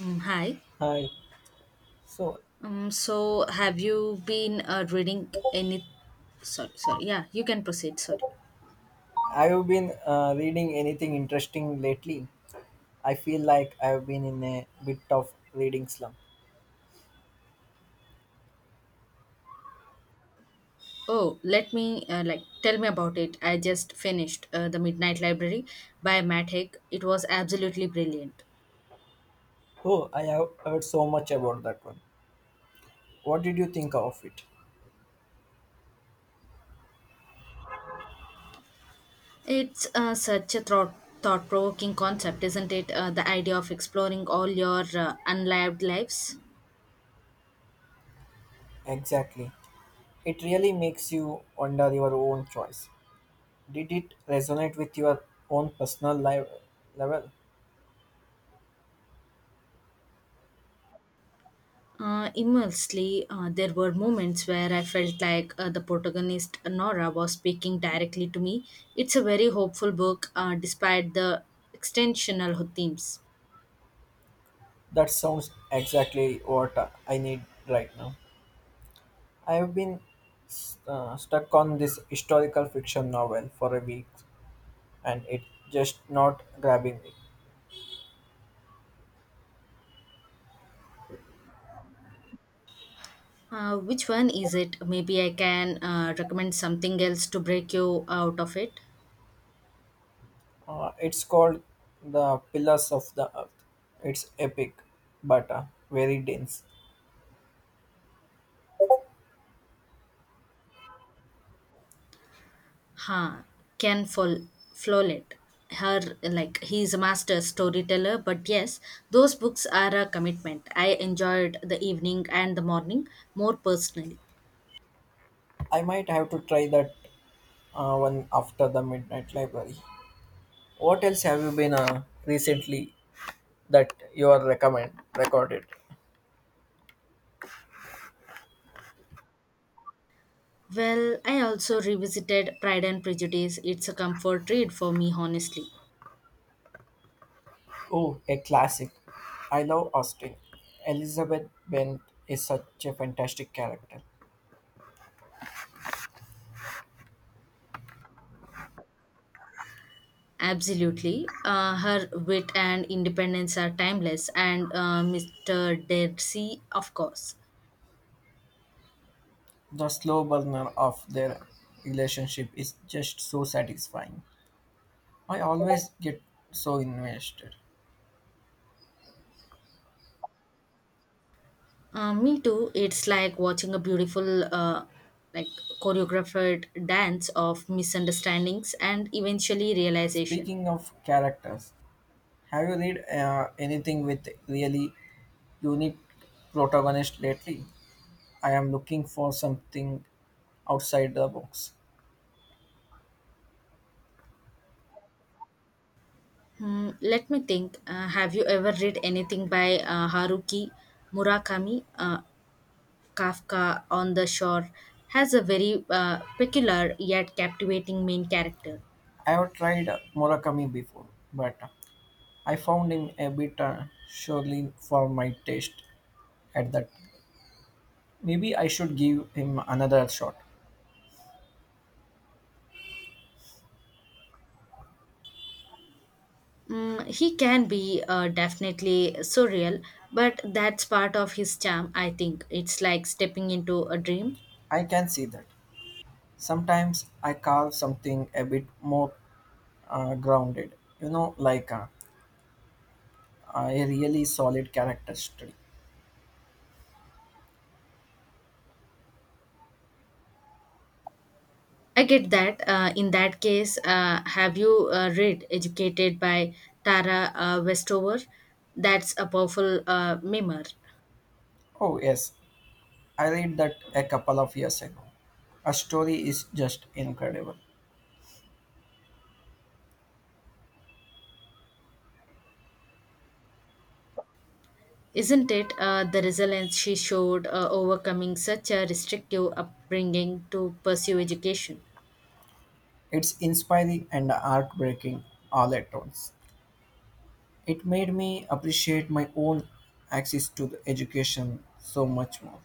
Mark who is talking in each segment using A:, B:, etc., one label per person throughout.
A: Mm, hi.
B: Hi. So,
A: Have you been reading any? Sorry, sorry. Yeah, you can proceed. Sorry.
B: have you been reading anything interesting lately? I feel like I've been in a bit of reading slump.
A: Oh, let me tell me about it. I just finished the Midnight Library by Matt Haig. It was absolutely brilliant.
B: Oh, I have heard so much about that one. What did you think of it?
A: It's such a thought provoking concept, isn't it? The idea of exploring all your unlived lives.
B: Exactly. It really makes you wonder your own choice. Did it resonate with your own personal life level?
A: Immensely, there were moments where I felt like the protagonist Nora was speaking directly to me. It's a very hopeful book, despite the extensional themes.
B: That sounds exactly what I need right now. I have been stuck on this historical fiction novel for a week and it just not grabbing me.
A: Which one is it? Maybe I can recommend something else to break you out of it.
B: It's called The Pillars of the Earth. It's epic, but very dense.
A: Huh? Ken Fol- Follett. Her like he's a master storyteller, but yes, those books are a commitment. I enjoyed the evening and the morning more personally.
B: I might have to try that one after the Midnight Library. What else have you been recently that you are recommend recorded?
A: Well, I also revisited Pride and Prejudice. It's a comfort read for me, honestly.
B: Oh, a classic. I love Austin. Elizabeth Bent is such a fantastic character.
A: Absolutely. Her wit and independence are timeless, and Mr. Darcy, of course.
B: The slow burner of their relationship is just so satisfying. I always get so invested.
A: Me too. It's like watching a beautiful, like choreographed dance of misunderstandings and eventually realization.
B: Speaking of characters, have you read anything with really unique protagonist lately? I am looking for something outside the box.
A: Hmm, let me think. Have you ever read anything by Haruki Murakami? Kafka on the Shore has a very peculiar yet captivating main character.
B: I have tried Murakami before, but I found him a bit surely for my taste at that. Maybe I should give him another shot.
A: Mm, he can be definitely surreal, but that's part of his charm, I think. It's like stepping into a dream.
B: I can see that. Sometimes I carve something a bit more grounded. You know, like a really solid character study.
A: I get that. In that case, have you read Educated by Tara Westover? That's a powerful memoir,
B: Oh yes, I read that a couple of years ago. A story is just incredible.
A: isn't it? The resilience she showed overcoming such a restrictive upbringing to pursue education.
B: It's inspiring and heartbreaking all at once. It made me appreciate my own access to the education so much more.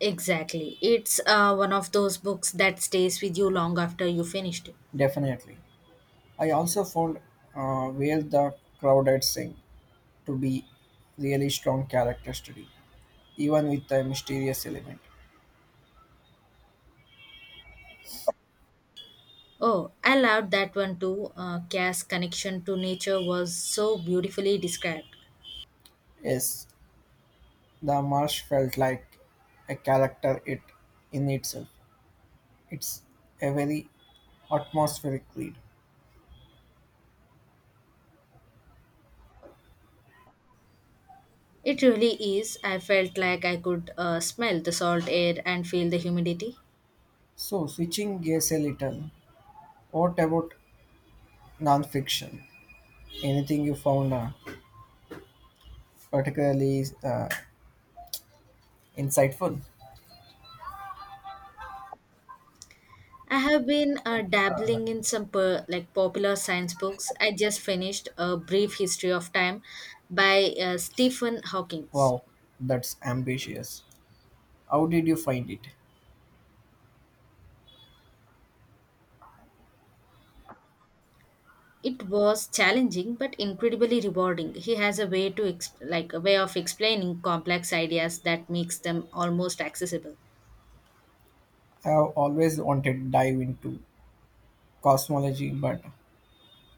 A: Exactly. It's one of those books that stays with you long after you finished it.
B: Definitely, I also found where the crowded sing to be really strong character study, even with a mysterious element.
A: Oh, I loved that one too. Cass' connection to nature was so beautifully described.
B: Yes, the marsh felt like a character it in itself. It's a very atmospheric read.
A: It really is. I felt like I could smell the salt air and feel the humidity.
B: So switching gears a little, what about non-fiction? Anything you found particularly insightful?
A: I have been dabbling in some popular science books. I just finished A Brief History of Time by Stephen Hawking.
B: Wow, that's ambitious. How did you find it?
A: It was challenging but incredibly rewarding. He has a way to ex- like a way of explaining complex ideas that makes them almost accessible.
B: I have always wanted to dive into cosmology, but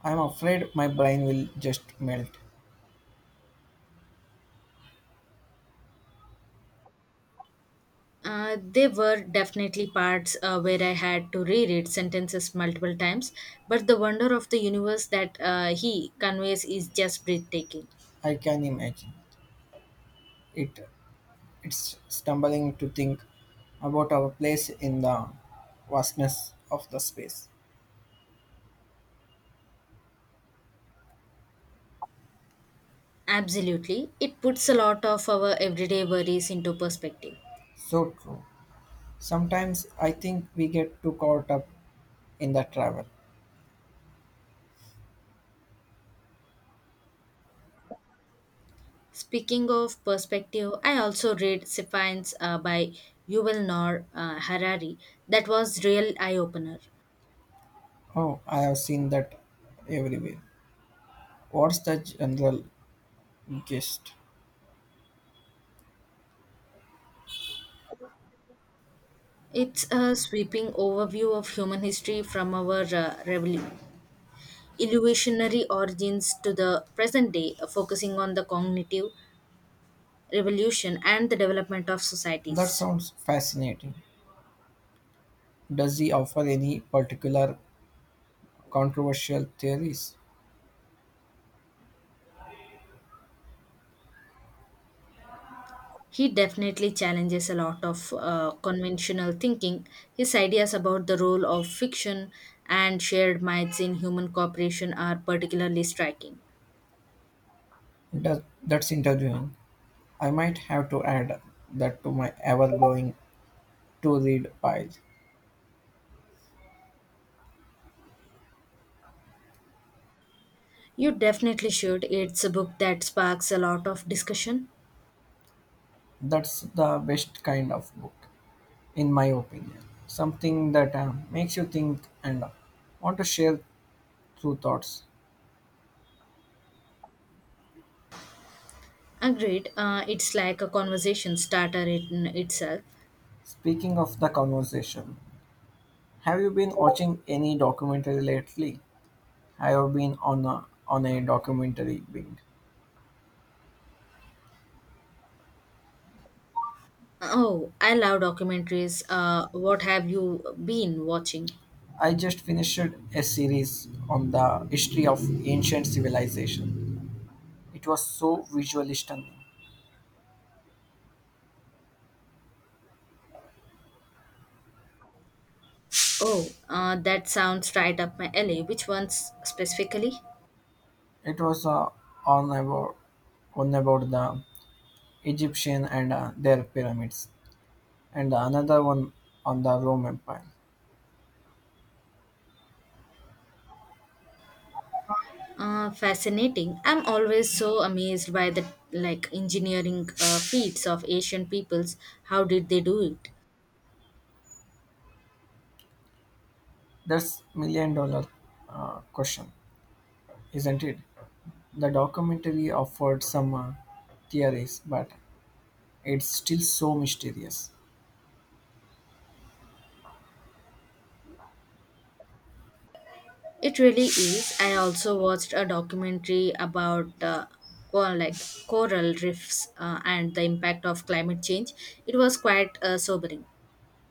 B: I'm afraid my brain will just melt.
A: There were definitely parts where I had to reread sentences multiple times, but the wonder of the universe that he conveys is just breathtaking.
B: I can imagine. It It's stumbling to think about our place in the vastness of the space.
A: Absolutely, it puts a lot of our everyday worries into perspective.
B: So true. Sometimes I think we get too caught up in the travel.
A: Speaking of perspective, I also read Sapiens by Yuval Noah Harari. That was real eye opener.
B: Oh, I have seen that everywhere. What's the general gist?
A: It's a sweeping overview of human history from our evolutionary origins to the present day, focusing on the cognitive revolution and the development of
B: That
A: societies.
B: sounds fascinating. Does he offer any particular controversial theories?
A: He definitely challenges a lot of conventional thinking. His ideas about the role of fiction and shared myths in human cooperation are particularly striking.
B: That's interviewing. I might have to add that to my ever growing to read pile.
A: You definitely should. It's a book that sparks a lot of discussion.
B: That's the best kind of book, in my opinion. Something that makes you think and want to share through thoughts.
A: Agreed. It's like a conversation starter in itself.
B: Speaking of the conversation, have you been watching any documentary lately? I have been on a documentary binge.
A: Oh, I love documentaries. What have you been watching?
B: I just finished a series on the history of ancient civilization. It was so visually stunning.
A: Oh, that sounds right up my alley. Which ones specifically?
B: It was on about on about the Egyptian and their pyramids. And another one on the Rome Empire.
A: Fascinating. I'm always so amazed by the engineering feats of Asian peoples. How did they do it?
B: That's million dollar question, isn't it? The documentary offered some theories, but it's still so mysterious.
A: It really is. I also watched a documentary about cor- like coral reefs and the impact of climate change. It was quite sobering.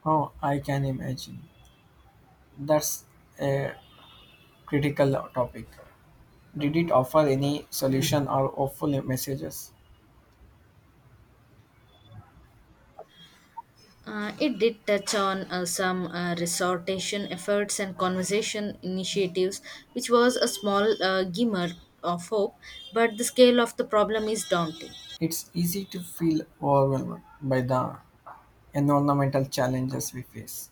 B: Oh, I can imagine. That's a critical topic. Did it offer any solution or hopeful messages?
A: It did touch on some resortation efforts and conservation initiatives, which was a small glimmer of hope, but the scale of the problem is daunting.
B: It's easy to feel overwhelmed by the environmental challenges we face.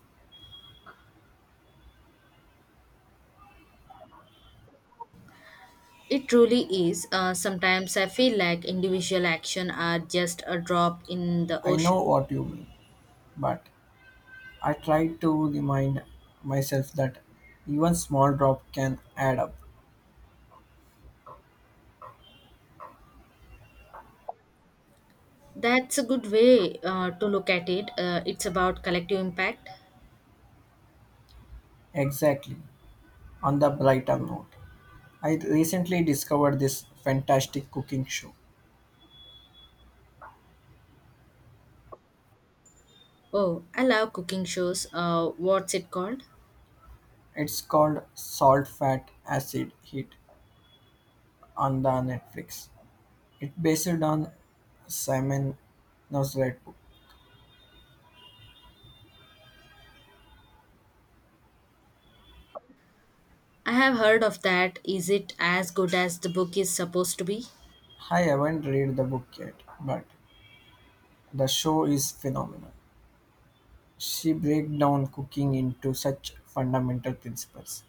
A: It truly is. Sometimes I feel like individual action are just a drop in the
B: I know
A: ocean.
B: what you mean, but I try to remind myself that even small drop can add up.
A: That's a good way to look at it. It's about collective impact.
B: Exactly. On the brighter note, I recently discovered this fantastic cooking show.
A: Oh, I love cooking shows. What's it called?
B: It's called Salt Fat Acid Heat on the Netflix. It's based on Simon Nosrat book.
A: I have heard of that. Is it as good as the book is supposed to be?
B: I haven't read the book yet, but the show is phenomenal. She breaks down cooking into such fundamental principles.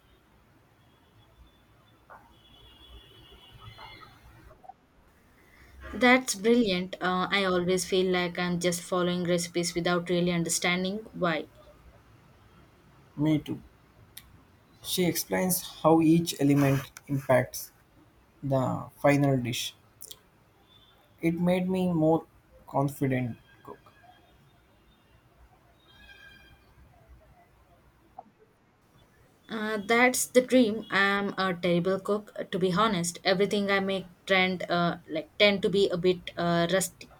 A: That's brilliant. I always feel like I'm just following recipes without really understanding why.
B: Me too. She explains how each element impacts the final dish. It made me more confident cook.
A: That's the dream. I'm a terrible cook, to be honest. Everything I make trend like tend to be a bit rusty.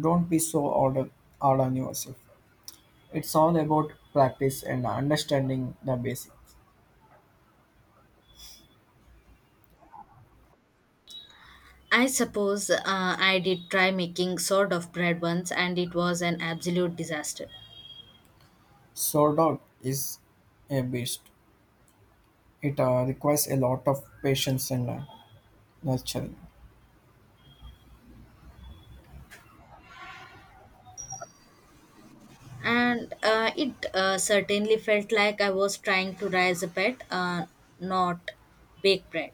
B: Don't be so hard, on- hard on yourself. It's all about practice and understanding the basics.
A: I suppose I did try making sort of bread once, and it was an absolute disaster.
B: Sourdough is a beast. It requires a lot of patience and nurturing.
A: And it certainly felt like I was trying to rise a pet, not bake bread.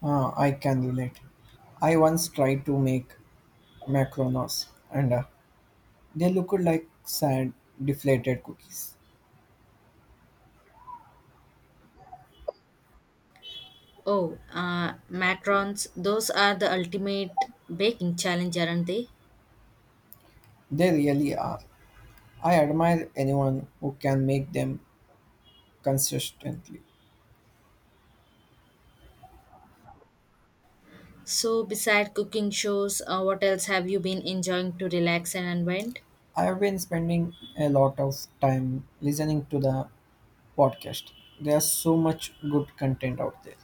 B: Ah, I can relate. I once tried to make macarons and they looked like sad deflated cookies.
A: Oh, macarons! Those are the ultimate baking challenge, aren't they?
B: They really are. I admire anyone who can make them consistently.
A: So, beside cooking shows, what else have you been enjoying to relax and unwind?
B: I have been spending a lot of time listening to the podcast. There's so much good content out there.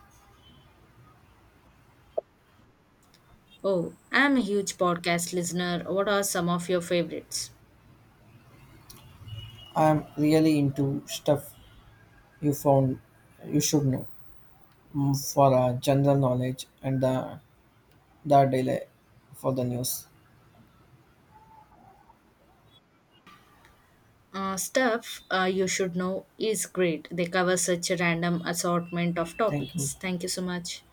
A: Oh, I'm a huge podcast listener. What are some of your favorites?
B: I'm really into stuff you found you should know, mm, for general knowledge and the daily for the news.
A: Stuff you should know is great. They cover such a random assortment of
B: Thank you.
A: topics. Thank you so much.